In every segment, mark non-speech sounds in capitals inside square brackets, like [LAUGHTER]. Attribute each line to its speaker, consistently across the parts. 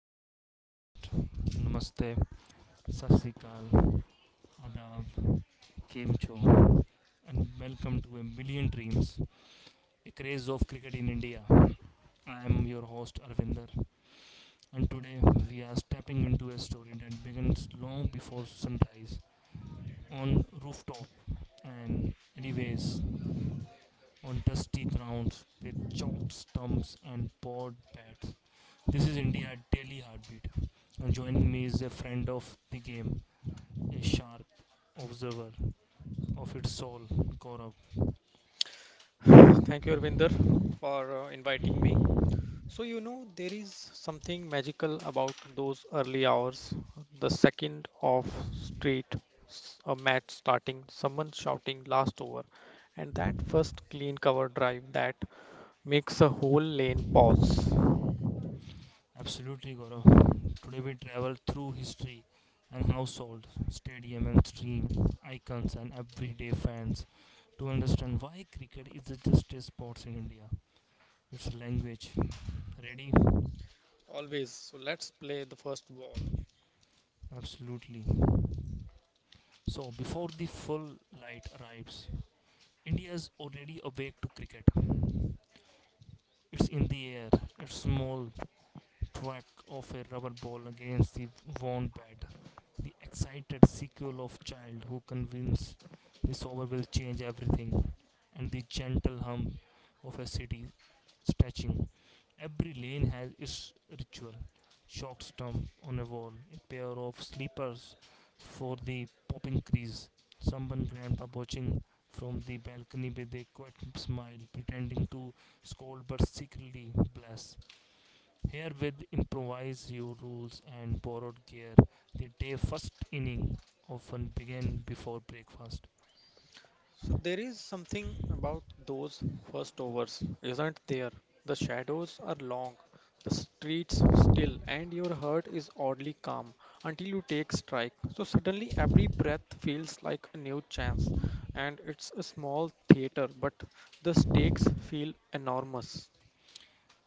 Speaker 1: back to the podcast. Namaste, Sasikal, Adab, Kemcho, and welcome to a million dreams, a craze of cricket in India. I am your host Arvinder, and today we are stepping into a story that begins long before sunrise on rooftop and anyways on dusty grounds with chalked stumps and board bats. This is India's daily heartbeat. And joining me is a friend of the game, a sharp observer of its soul, Gaurav.
Speaker 2: Thank you, Arvinder, for inviting me. So, there is something magical about those early hours. The second of street, a match starting, someone shouting last over, and that first clean cover drive that makes a whole lane pause.
Speaker 1: Absolutely, Gaurav. Today we travel through history and household, stadium and stream, icons and everyday fans to understand why cricket is just a sport in India. It's a language. Ready?
Speaker 2: Always. So, let's play the first ball.
Speaker 1: Absolutely. So before the full light arrives, India is already awake to cricket. It's in the air, it's small, thwack of a rubber ball against the worn bat. The excited sequel of child who convinced the sober will change everything, and the gentle hum of a city stretching. Every lane has its ritual. Short stump on a wall, a pair of sleepers for the popping crease, someone grandpa watching from the balcony with a quiet smile, pretending to scold but secretly bless. Here with improvised rules and borrowed gear, the day first inning often began before breakfast.
Speaker 2: So there is something about those first overs, isn't there? The shadows are long, the streets still, and your heart is oddly calm until you take strike. So suddenly every breath feels like a new chance, and it's a small theater, but the stakes feel enormous.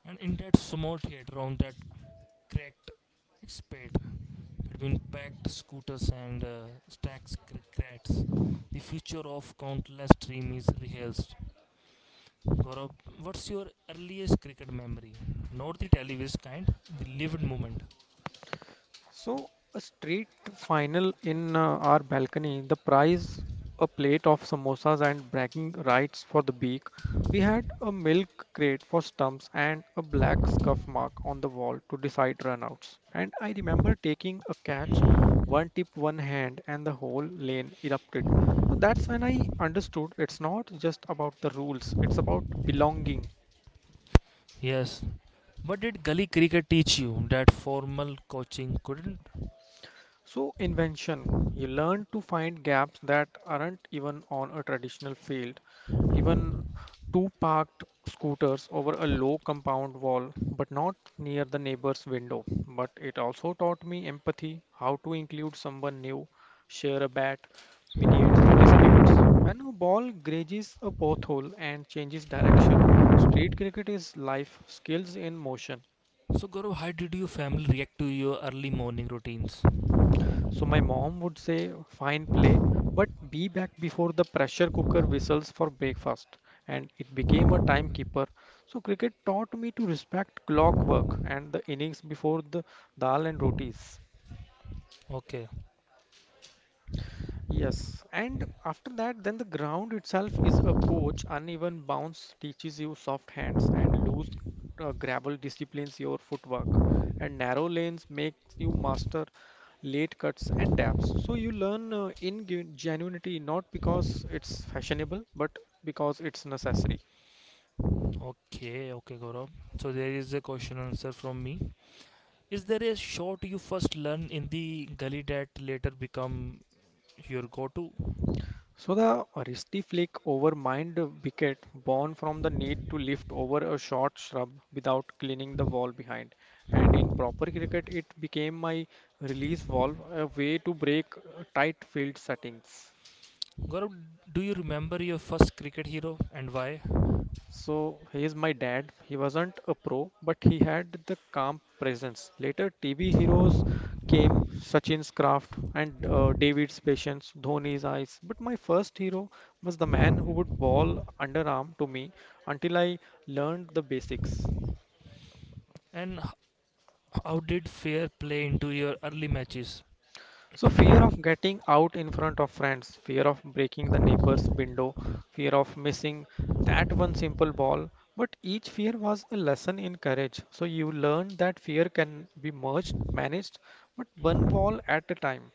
Speaker 1: And in that small theatre on that cracked expat between packed scooters and stacked the future of countless dream is rehearsed. Gaurav, what's your earliest cricket memory? Not the televised kind, the lived moment.
Speaker 2: So, a street final in our balcony, the prize a plate of samosas and bragging rights for the beak. We had a milk crate for stumps and a black scuff mark on the wall to decide runouts. And I remember taking a catch, one tip, one hand, and the whole lane erupted. So that's when I understood it's not just about the rules, it's about belonging.
Speaker 1: Yes. What did gully cricket teach you that formal coaching couldn't?
Speaker 2: So, invention. You learn to find gaps that aren't even on a traditional field. Even two parked scooters over a low compound wall, but not near the neighbor's window. But it also taught me empathy, how to include someone new, share a bat, mediate disputes. When a ball grazes a pothole and changes direction, street cricket is life, skills in motion.
Speaker 1: So Gaurav, how did your family react to your early morning routines?
Speaker 2: So my mom would say, fine play, but be back before the pressure cooker whistles for breakfast. And it became a timekeeper. So cricket taught me to respect clockwork and the innings before the dal and rotis.
Speaker 1: Okay,
Speaker 2: Yes, and after that, then the ground itself is a coach. Uneven bounce teaches you soft hands, and loose gravel disciplines your footwork, and narrow lanes makes you master late cuts and dabs. So you learn in genuinity not because it's fashionable, but because it's necessary.
Speaker 1: okay, Gaurav. So there is a question answer from me. Is there a shot you first learn in the gully that later become your go-to?
Speaker 2: So the rusty flick over mind wicket born from the need to lift over a short shrub without cleaning the wall behind. And in proper cricket, it became my release valve, a way to break tight field settings.
Speaker 1: Gaurav, do you remember your first cricket hero and why?
Speaker 2: So he is my dad. He wasn't a pro, but he had the calm presence. Later, TV heroes came, Sachin's craft and David's patience, Dhoni's eyes. But my first hero was the man who would bowl underarm to me until I learned the basics.
Speaker 1: And how did fair play into your early matches?
Speaker 2: So fear of getting out in front of friends, fear of breaking the neighbor's window, fear of missing that one simple ball. But each fear was a lesson in courage. So you learned that fear can be merged, managed, but one wall at a time.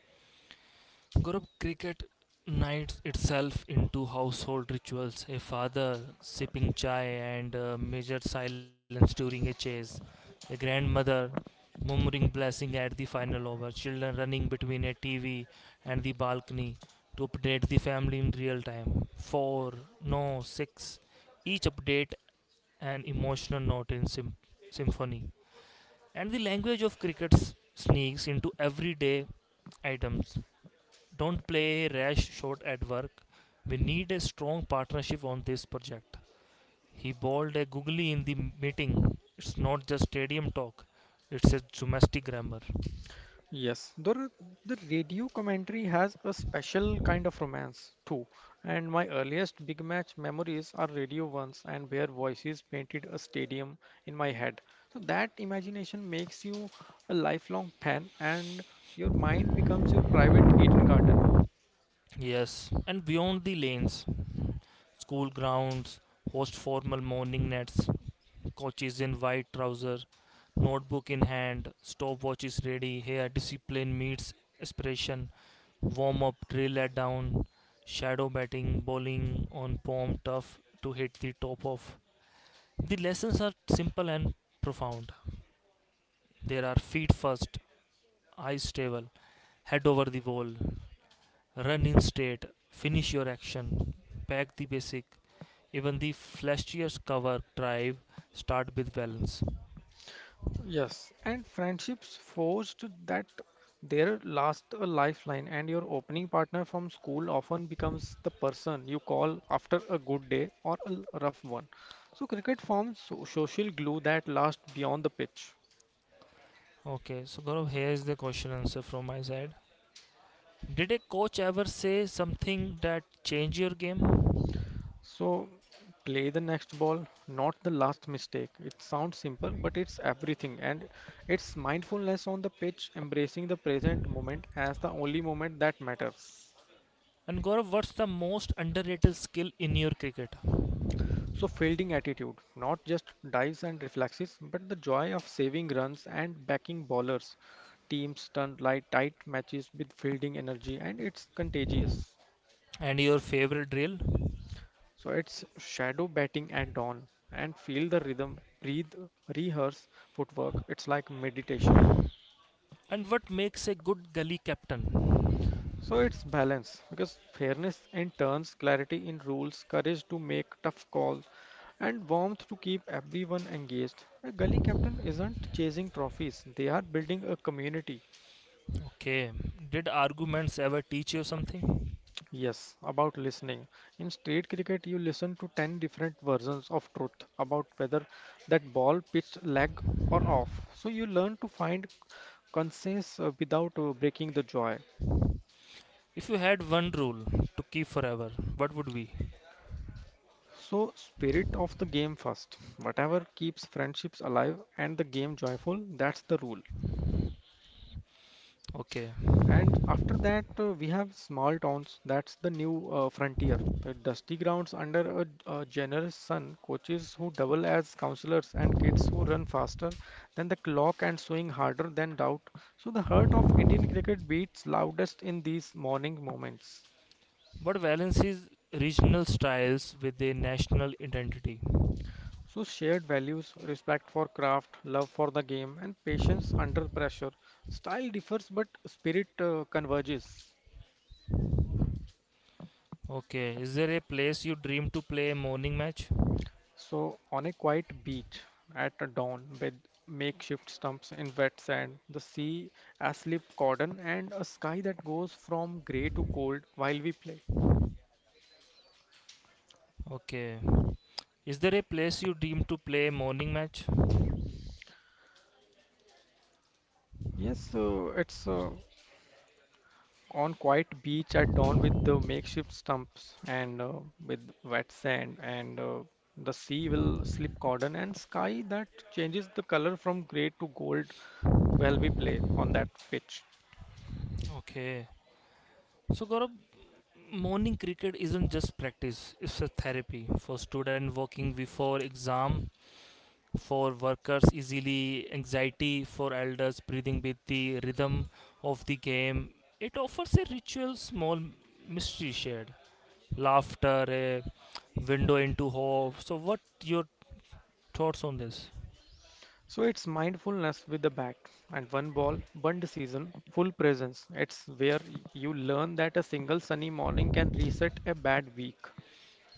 Speaker 1: Gaurav, cricket knights itself into household rituals. A father sipping chai and measured silence during a chase. A grandmother murmuring blessing at the final over. Children running between a TV and the balcony to update the family in real time. Four, no, six. Each update an emotional note in symphony. And the language of cricket sneaks into everyday items don't play a rash shot at work. We need a strong partnership on this project. He bawled a googly in the meeting. It's not just stadium talk, it's a domestic grammar.
Speaker 2: Yes, the radio commentary has a special kind of romance too, and my earliest big match memories are radio ones and where voices painted a stadium in my head. So that imagination makes you a lifelong fan, and your mind becomes your private Eden Garden.
Speaker 1: Yes, and beyond the lanes, school grounds host formal morning nets, coaches in white trousers, notebook in hand, stopwatch is ready. Here, discipline meets aspiration. Warm up, drill at down, shadow batting, bowling on palm tough to hit the top of. The lessons are simple and profound. There are feet first, eyes stable, head over the ball, run in state, finish your action, pack the basic, even the flashiest cover drive start with balance.
Speaker 2: Yes, and friendships forged that there last a lifeline, and your opening partner from school often becomes the person you call after a good day or a rough one. So, cricket forms social glue that lasts beyond the pitch.
Speaker 1: Okay, so Gaurav, here's the question answer from my side. Did a coach ever say something that changed your game?
Speaker 2: So, play the next ball, not the last mistake. It sounds simple, but it's everything, and it's mindfulness on the pitch, embracing the present moment as the only moment that matters.
Speaker 1: And Gaurav, what's the most underrated skill in your cricket?
Speaker 2: So, fielding attitude, not just dives and reflexes, but the joy of saving runs and backing bowlers. Teams turn light tight matches with fielding energy, and it's contagious.
Speaker 1: And your favorite drill?
Speaker 2: So, it's shadow batting at dawn and feel the rhythm, breathe, rehearse footwork. It's like meditation.
Speaker 1: And what makes a good gully captain?
Speaker 2: So it's balance because fairness in turns, clarity in rules, courage to make tough calls, and warmth to keep everyone engaged. A gully captain isn't chasing trophies, they are building a community.
Speaker 1: Okay, did arguments ever teach you something?
Speaker 2: Yes, about listening. In street cricket, you listen to 10 different versions of truth about whether that ball pitched leg or off. So you learn to find consensus without breaking the joy.
Speaker 1: If you had one rule to keep forever, what would be?
Speaker 2: So, spirit of the game first. Whatever keeps friendships alive and the game joyful, that's the rule.
Speaker 1: Okay,
Speaker 2: And after that, we have small towns. That's the new frontier. The dusty grounds under a generous sun, coaches who double as counselors, and kids who run faster than the clock and swing harder than doubt. So, the heart of Indian cricket beats loudest in these morning moments.
Speaker 1: what balances regional styles with a national identity?
Speaker 2: So, shared values, respect for craft, love for the game, and patience under pressure. Style differs, but spirit converges.
Speaker 1: Okay. Is there a place you dream to play a morning match?
Speaker 2: So, on a quiet beach at a dawn with makeshift stumps in wet sand, the sea, a slip cordon, and a sky that goes from grey to gold while we play.
Speaker 1: Okay. Is there a place you dream to play a morning match?
Speaker 2: Yes, it's on quiet beach at dawn with the makeshift stumps and with wet sand and the sea will slip cordon and sky that changes the color from gray to gold while we play on that pitch.
Speaker 1: Okay. So Gaurav, morning cricket isn't just practice, it's a therapy for student working before exam, for workers easily anxiety, for elders breathing with the rhythm of the game. It offers a ritual small mystery shared. Laughter, a window into hope. So what your thoughts on this?
Speaker 2: So it's mindfulness with the bat, and one ball, one decision, full presence. It's where you learn that a single sunny morning can reset a bad week.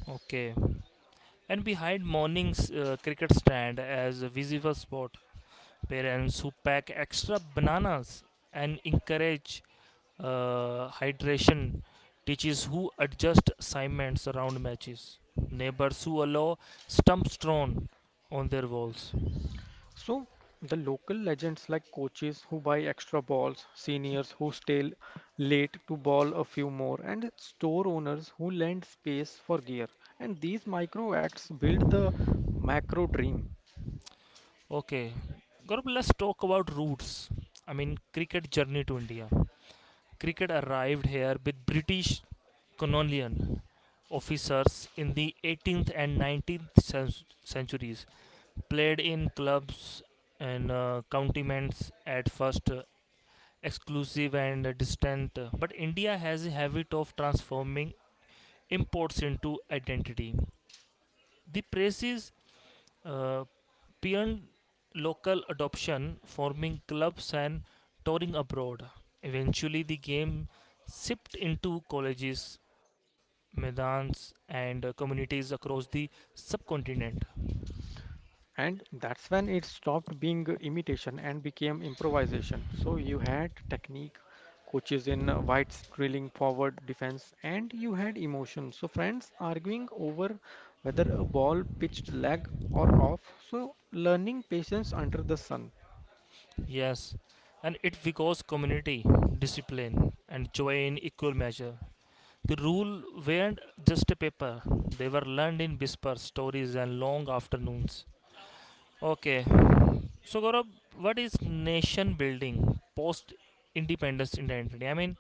Speaker 1: Okay. And behind morning's cricket stand as a visible spot, parents who pack extra bananas and encourage hydration, teachers who adjust assignments around matches, neighbors who allow stumps thrown on their walls.
Speaker 2: So the local legends like coaches who buy extra balls, seniors who stay late to ball a few more, and store owners who lend space for gear. And these micro acts build the macro dream.
Speaker 1: Okay, Gaurav, let's talk about roots. I mean, cricket journey to India. Cricket arrived here with British colonial officers in the 18th and 19th centuries. Played in clubs and counties at first, exclusive and distant. But India has a habit of transforming imports into identity. The praises uh, beyond local adoption, forming clubs and touring abroad. Eventually, the game shipped into colleges, maidans, and communities across the subcontinent.
Speaker 2: And that's when it stopped being imitation and became improvisation. So you had technique, coaches in whites drilling forward defense, and you had emotion. So friends arguing over whether a ball pitched leg or off. So learning patience under the sun.
Speaker 1: Yes, and it because community, discipline, and joy in equal measure. The rule weren't just a paper, they were learned in whisper stories and long afternoons. Okay, so Gaurav, what is nation building post independence identity? I mean,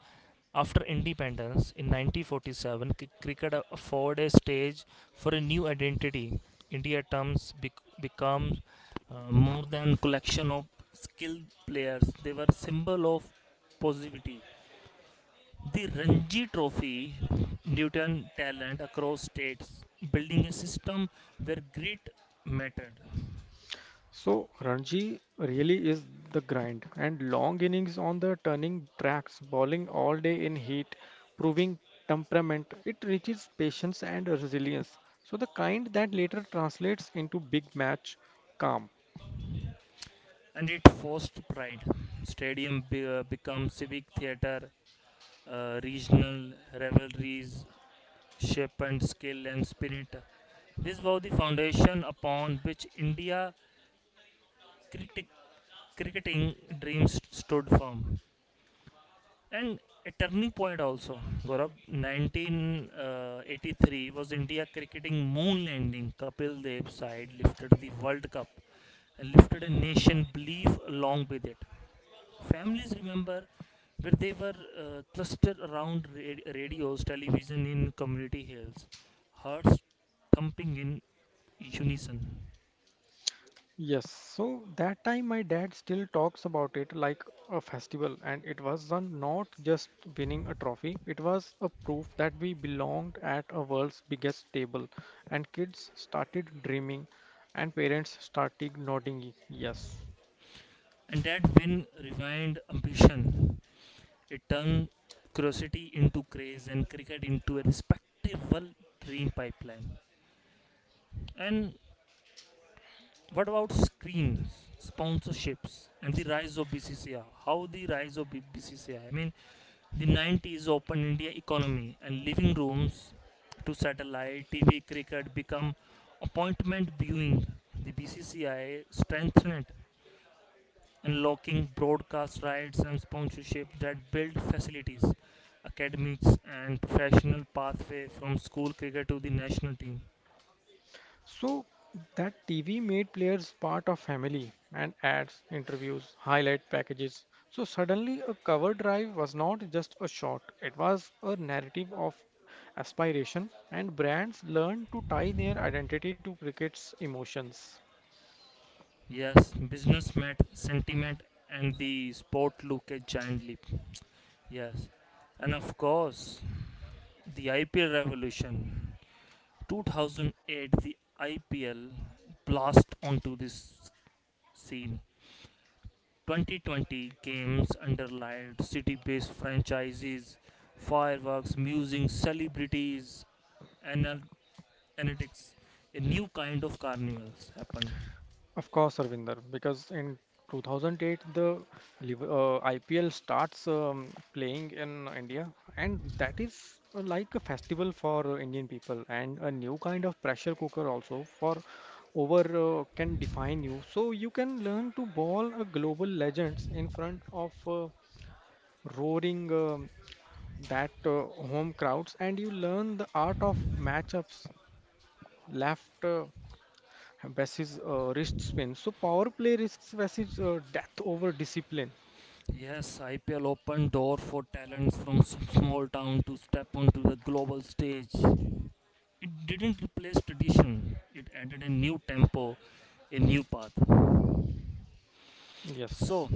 Speaker 1: after independence in 1947, cricket afforded a stage for a new identity. India terms become more than collection of skilled players. They were symbol of positivity. The Ranji Trophy nurtured talent across states, building a system where grit mattered,
Speaker 2: So Ranji really is the grind and long innings on the turning tracks, bowling all day in heat, proving temperament. It reaches patience and resilience. So the kind that later translates into big match calm.
Speaker 1: and it forced pride. Stadium become civic theater, regional rivalries shape and skill and spirit. This was the foundation upon which India critic, cricketing dreams stood firm. And a turning point also, Gaurav, 1983 was India cricketing moon landing. Kapil Dev's side lifted the World Cup and lifted a nation belief along with it. Families remember where they were clustered around radios, television in community hills, hearts thumping in unison.
Speaker 2: Yes, so that time my dad still talks about it like a festival, and it was not just winning a trophy, it was a proof that we belonged at a world's biggest table, and kids started dreaming, and parents started nodding. Yes.
Speaker 1: And that when rewind ambition, it turned curiosity into craze and cricket into a respectable dream pipeline. And what about screens, sponsorships, and the rise of BCCI? How the rise of BCCI? I mean, the 90s opened India economy and living rooms to satellite TV cricket become appointment viewing. The BCCI strengthened unlocking broadcast rights and sponsorship that build facilities, academics and professional pathway from school cricket to the national team.
Speaker 2: So that TV made players part of family, and ads, interviews, highlight packages. So suddenly a cover drive was not just a shot, it was a narrative of aspiration, and brands learned to tie their identity to cricket's emotions.
Speaker 1: Yes, business met sentiment and the sport look a giant leap. Yes. And of course, the IPL revolution. 2008 the IPL blast onto this scene. 2020 games underlined city-based franchises, fireworks, music, celebrities, anal- analytics. A new kind of carnivals happened.
Speaker 2: Of course, Arvinder, because in 2008 the IPL starts playing in India, and that is like a festival for Indian people and a new kind of pressure cooker also for over can define you. So you can learn to ball a global legends in front of roaring that home crowds, and you learn the art of matchups, left, Bassi's wrist spin. So power play risks Bassi's death over discipline.
Speaker 1: Yes, IPL opened door for talents from small town to step onto the global stage. It didn't replace tradition. It added a new tempo, a new path.
Speaker 2: Yes.
Speaker 1: So,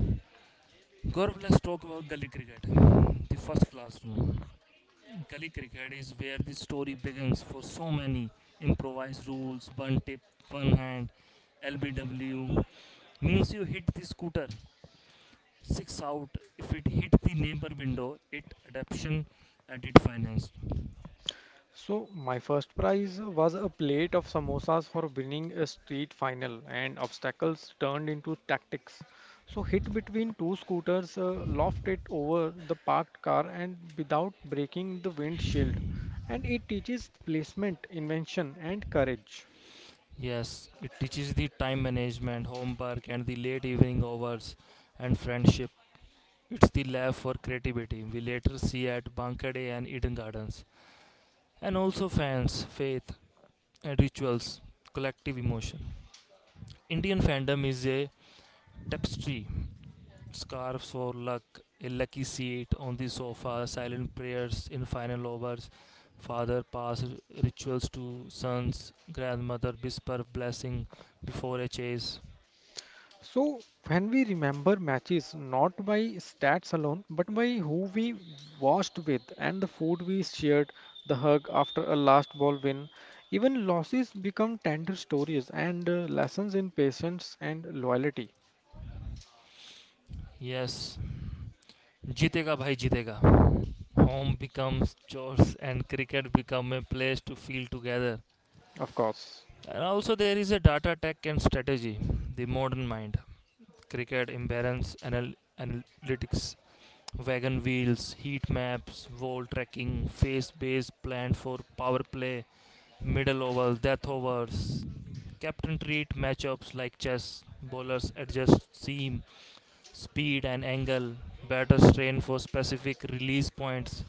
Speaker 1: Gaurav, let's talk about gully cricket, the first classroom. Gully cricket is where the story begins for so many. Improvised rules, one tip, one hand, LBW means you hit the scooter six out. If it hit the neighbor window, it adaption and it financed.
Speaker 2: So my first prize was a plate of samosas for winning a street final, and obstacles turned into tactics. So hit between two scooters, loft it over the parked car, and without breaking the windshield. And it teaches placement, invention, and courage.
Speaker 1: Yes, it teaches the time management, homework, and the late evening hours and friendship. It's the lab for creativity we later see at Banka Day and Eden Gardens. And also fans, faith, and rituals, collective emotion. Indian fandom is a tapestry scarves for luck, a lucky seat on the sofa, silent prayers in final overs, father pass rituals to sons, grandmother whisper blessing before a chase.
Speaker 2: So, when we remember matches not by stats alone, but by who we watched with and the food we shared, the hug after a last ball win, even losses become tender stories and lessons in patience and loyalty,
Speaker 1: Yes, jitega bhai jitega. Home becomes chores and cricket become a place to feel together.
Speaker 2: of course.
Speaker 1: And also there is a data tech and strategy, the modern mind. Cricket imbalance analytics, wagon wheels, heat maps, wall tracking, face base plan for power play, middle over, death overs. Captain treat matchups like chess, bowlers adjust seam, speed, and angle, batters train for specific release points.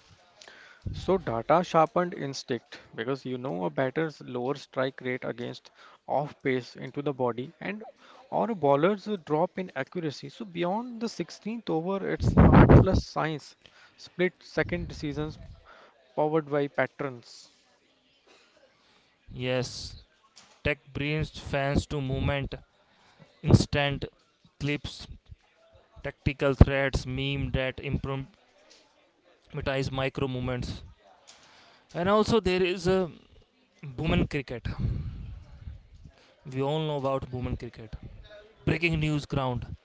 Speaker 2: So data sharpened instinct, because you know a batter's lower strike rate against off pace into the body and or a bowler's drop in accuracy. So beyond the 16th over, it's art plus science, split second decisions powered by patterns.
Speaker 1: Yes, tech brings fans to movement, instant clips, tactical threads, meme that improvise micro movements. And also there is a women cricket. We all know about women cricket. Breaking news ground.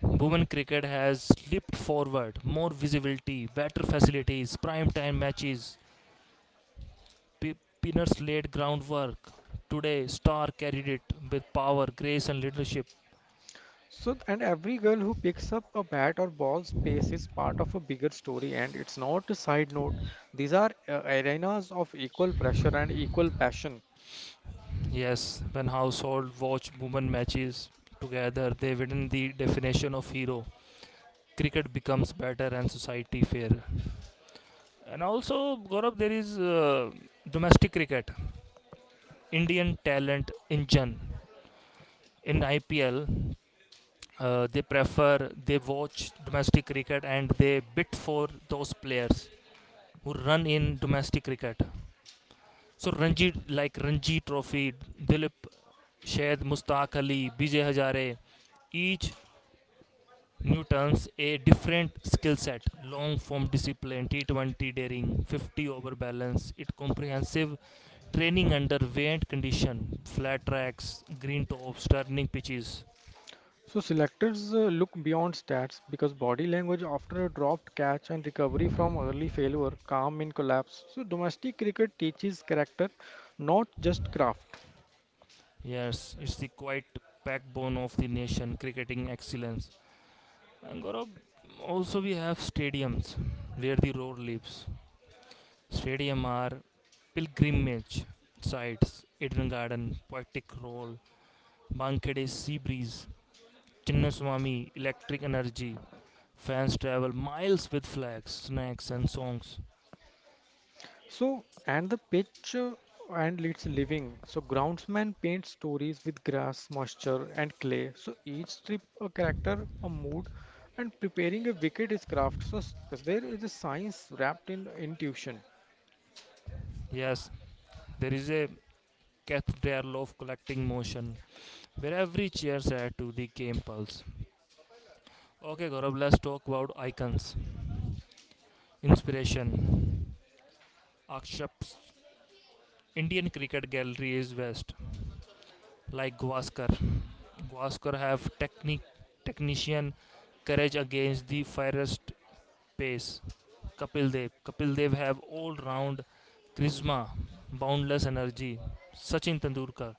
Speaker 1: Women cricket has leaped forward. More visibility, better facilities, prime time matches. P- Pinners laid groundwork. Today, Star carried it with power, grace, and leadership.
Speaker 2: So and every girl who picks up a bat or ball's pace is part of a bigger story, and it's not a side note. These are arenas of equal pressure and equal passion.
Speaker 1: Yes, when household watch women matches together, they win the definition of hero. Cricket becomes better and society fairer. And also, Gaurav, there is domestic cricket Indian talent engine. In IPL, they watch domestic cricket and they bid for those players who run in domestic cricket. So Ranji, like Ranji Trophy, Dilip Sheth, Mustaq Ali, Vijay Hazare, each Newton's a different skill set, long form discipline, T20 daring, 50 over balance, it comprehensive training under variant condition, flat tracks, green tops, turning pitches.
Speaker 2: So selectors look beyond stats because body language after a dropped catch, and recovery from early failure, calm in collapse. So domestic cricket teaches character, not just craft.
Speaker 1: Yes, it's the quite backbone of the nation cricketing excellence. And Gaurav, also we have stadiums where the roar lives. Stadium are pilgrimage sites, Eden Garden, Poetic Roll, Bankhede Sea Breeze, Chinnaswamy Electric Energy. Fans travel miles with flags, snacks and songs.
Speaker 2: So and the pitch and its living. So groundsman paints stories with grass, moisture and clay. So each strip a character, a mood, and preparing a wicket is craft. So there is a science wrapped in intuition.
Speaker 1: Yes, there is a cathedral of collecting motion where every cheer adds to the game pulse. Okay, Gaurav, let's talk about icons. Inspiration. Akshap's Indian Cricket Gallery is West, like Gwaskar. Gwaskar have technique, technician, courage against the fiercest pace. Kapil Dev. Kapil Dev have all-round charisma, boundless energy. Sachin Tendulkar,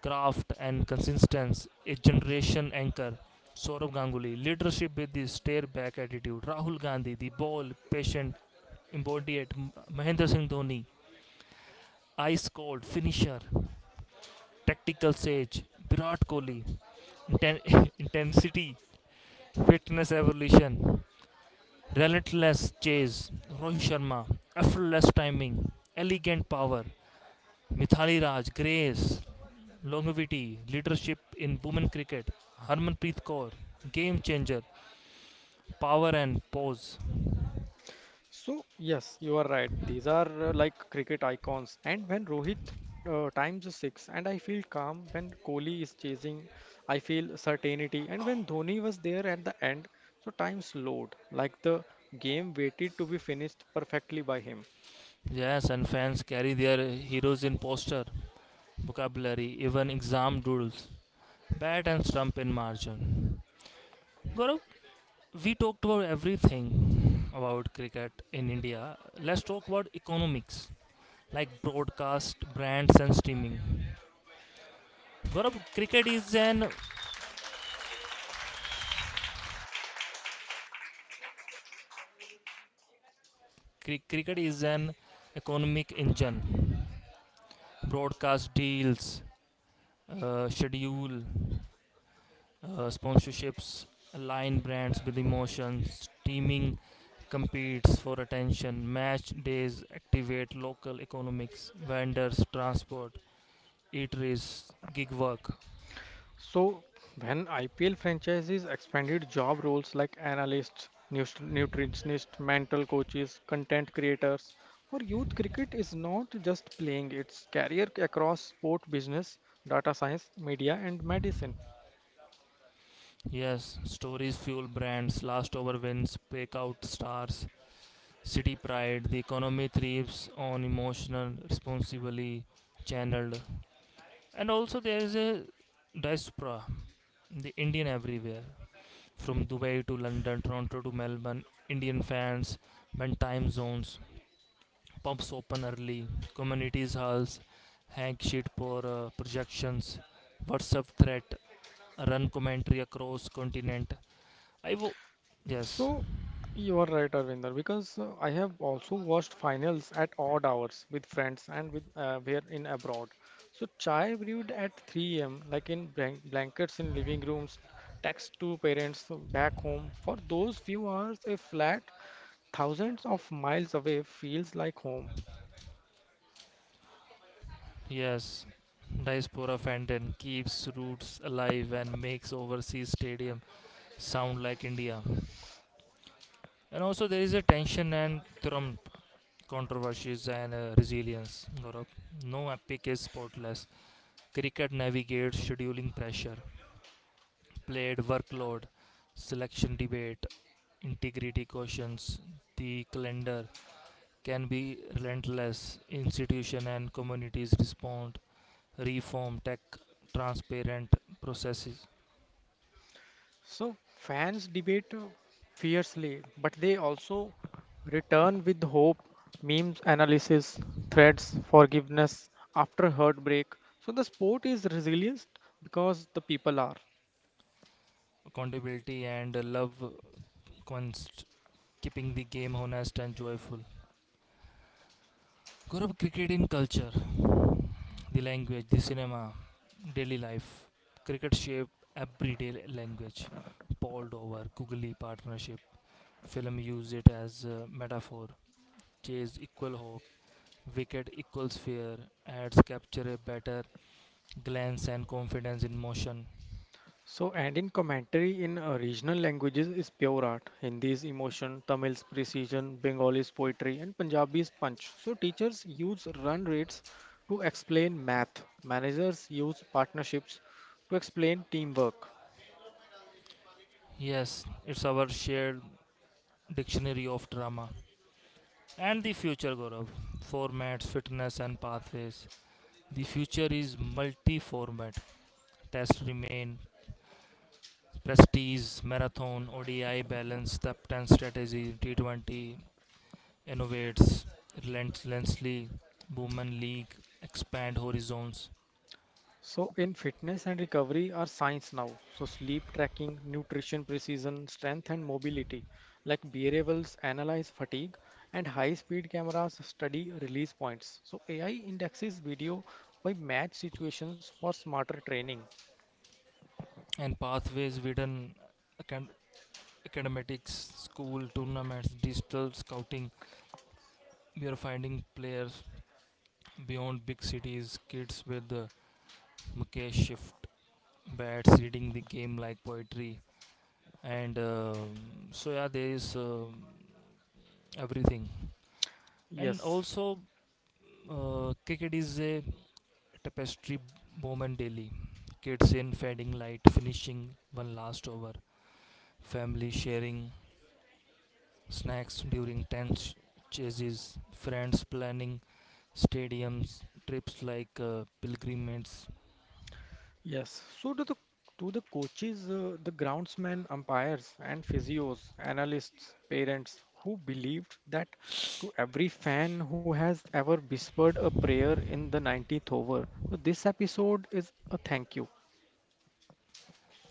Speaker 1: craft and consistency, a generation anchor. Saurabh Ganguly, leadership with the stare back attitude. Rahul Gandhi, the ball, patient Embodied Mahendra Singh Dhoni, ice cold finisher, tactical sage, Virat Kohli, [LAUGHS] intensity, fitness evolution, relentless chase, Rohit Sharma, effortless timing, elegant power, Mithali Raj, grace, longevity, leadership in women cricket, Harmanpreet Kaur, game changer, power and pose.
Speaker 2: So, yes, you are right. These are like cricket icons. And when Rohit times a six, and I feel calm when Kohli is chasing, I feel certainty. And when Dhoni was there at the end, so time slowed, like the game waited to be finished perfectly by him.
Speaker 1: Yes, and fans carry their heroes in poster, vocabulary, even exam doodles. Bat and stump in margin. Gaurav, we talked about everything about cricket in India. Let's talk about economics, like broadcast, brands, and streaming. Gaurav, cricket is an economic engine. Broadcast deals, schedule, sponsorships, align brands with emotions. Streaming competes for attention. Match days activate local economics, vendors, transport, eateries, gig work.
Speaker 2: So, when IPL franchises expanded job roles like analysts, nutritionists, mental coaches, content creators, for youth cricket is not just playing, it's career across sport business, data science, media and medicine.
Speaker 1: Yes, stories fuel brands, last over wins, break out stars, city pride. The economy thrives on emotional, responsibly channeled. And also, there is a diaspora, the Indian everywhere. From Dubai to London, Toronto to Melbourne, Indian fans bend time zones, pubs open early, communities halls, hang sheet for projections, WhatsApp threat, run commentary across continent. I wo- yes,
Speaker 2: So you are right, Arvinder, because I have also watched finals at odd hours with friends and with where in abroad. So chai brewed at 3 a.m. like in blankets in living rooms, text to parents back home. For those few hours, a flat thousands of miles away feels like home.
Speaker 1: yes. Diaspora Fenton keeps roots alive and makes overseas stadium sound like India. And also there is a tension and Trump controversies and resilience. Gaurav. No epic is sportless. Cricket navigates scheduling pressure, played workload, selection debate, integrity questions. The calendar can be relentless. Institution and communities respond reform, tech, transparent processes,
Speaker 2: So fans debate fiercely, but they also return with hope, memes, analysis, threads, forgiveness after heartbreak. So the sport is resilient because the people are.
Speaker 1: accountability, and love const, keeping the game honest and joyful. Gaurav, cricket in culture, the language, the cinema, daily life. Cricket shape everyday language. Paul Dover, googly partnership. Film use it as a metaphor. Chase equal hope. Wicket equals fear. Ads capture a better glance and confidence in motion.
Speaker 2: So and in commentary in regional languages is pure art. Hindi is emotion, Tamil's precision, Bengali's poetry, and Punjabi's punch. So teachers use run rates to explain math. Managers use partnerships to explain teamwork.
Speaker 1: Yes, it's our shared dictionary of drama, and the future, Gaurav. Formats, fitness, and pathways. The future is multi format. Tests remain prestige, marathon, ODI balance, step 10 strategy, T20 innovates relentlessly, women league, expand horizons,
Speaker 2: So, in fitness and recovery are science now. So, sleep tracking, nutrition precision, strength and mobility, like variables analyze fatigue, and high speed cameras study release points. So, AI indexes video by match situations for smarter training.
Speaker 1: and pathways within acad- academics, school tournaments, digital scouting. We are finding players beyond big cities, kids with the Mukesh shift bats reading the game like poetry and so yeah there is everything. And
Speaker 2: Yes.
Speaker 1: also cricket is a tapestry moment daily kids in fading light finishing one last over family sharing snacks during tense chases friends planning stadiums trips like pilgrimages.
Speaker 2: Yes. So do the coaches, the groundsmen, umpires, and physios, analysts, parents who believed that, to every fan who has ever whispered a prayer in the 90th over. So this episode is a thank you.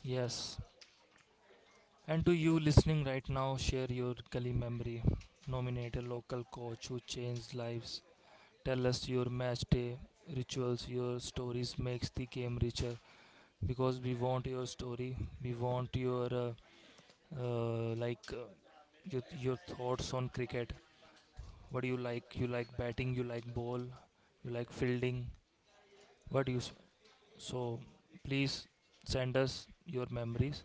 Speaker 1: Yes. And to you listening right now, share your Kali memory. Nominate a local coach who changed lives. Tell us your match day rituals, your stories makes the game richer because we want your story. We want your uh, like uh, your thoughts on cricket. What do you like? You like batting? You like ball? You like fielding? What do you s- so? Please send us your memories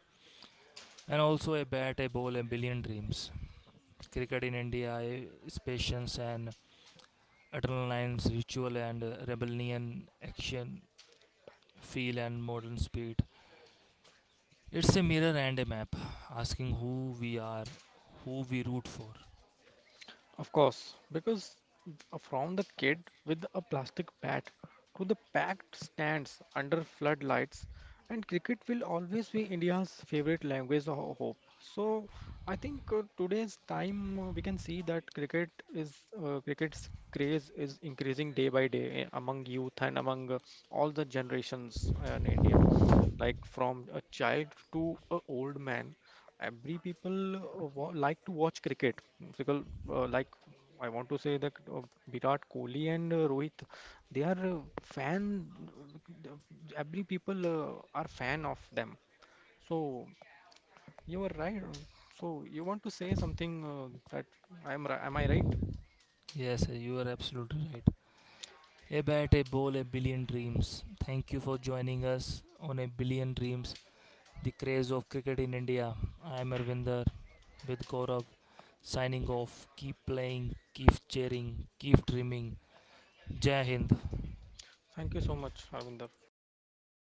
Speaker 1: and also a bat, a ball, a billion dreams. Cricket in India eh, is patience and adrenaline's ritual and rebellion, action, feel and modern speed. It's a mirror and a map, asking who we are, who we root for.
Speaker 2: Of course, because from the kid with a plastic bat to the packed stands under floodlights, and cricket will always be India's favorite language of hope. So I think today's time we can see that cricket's craze is increasing day by day, among youth and among all the generations in India, like from a child to a old man. Every people like to watch cricket, because like I want to say that Virat Kohli and Rohit, they are fan, uh, every people are fan of them. So you are right. So you want to say something, that am I right?
Speaker 1: Yes, sir, you are absolutely right. A bat, a ball, a billion dreams. Thank you for joining us on A Billion Dreams, the craze of cricket in India. I am Arvinder with Gaurav, signing off. Keep playing, keep cheering, keep dreaming. Jai Hind.
Speaker 2: Thank you so much, Arvinder, for inviting me.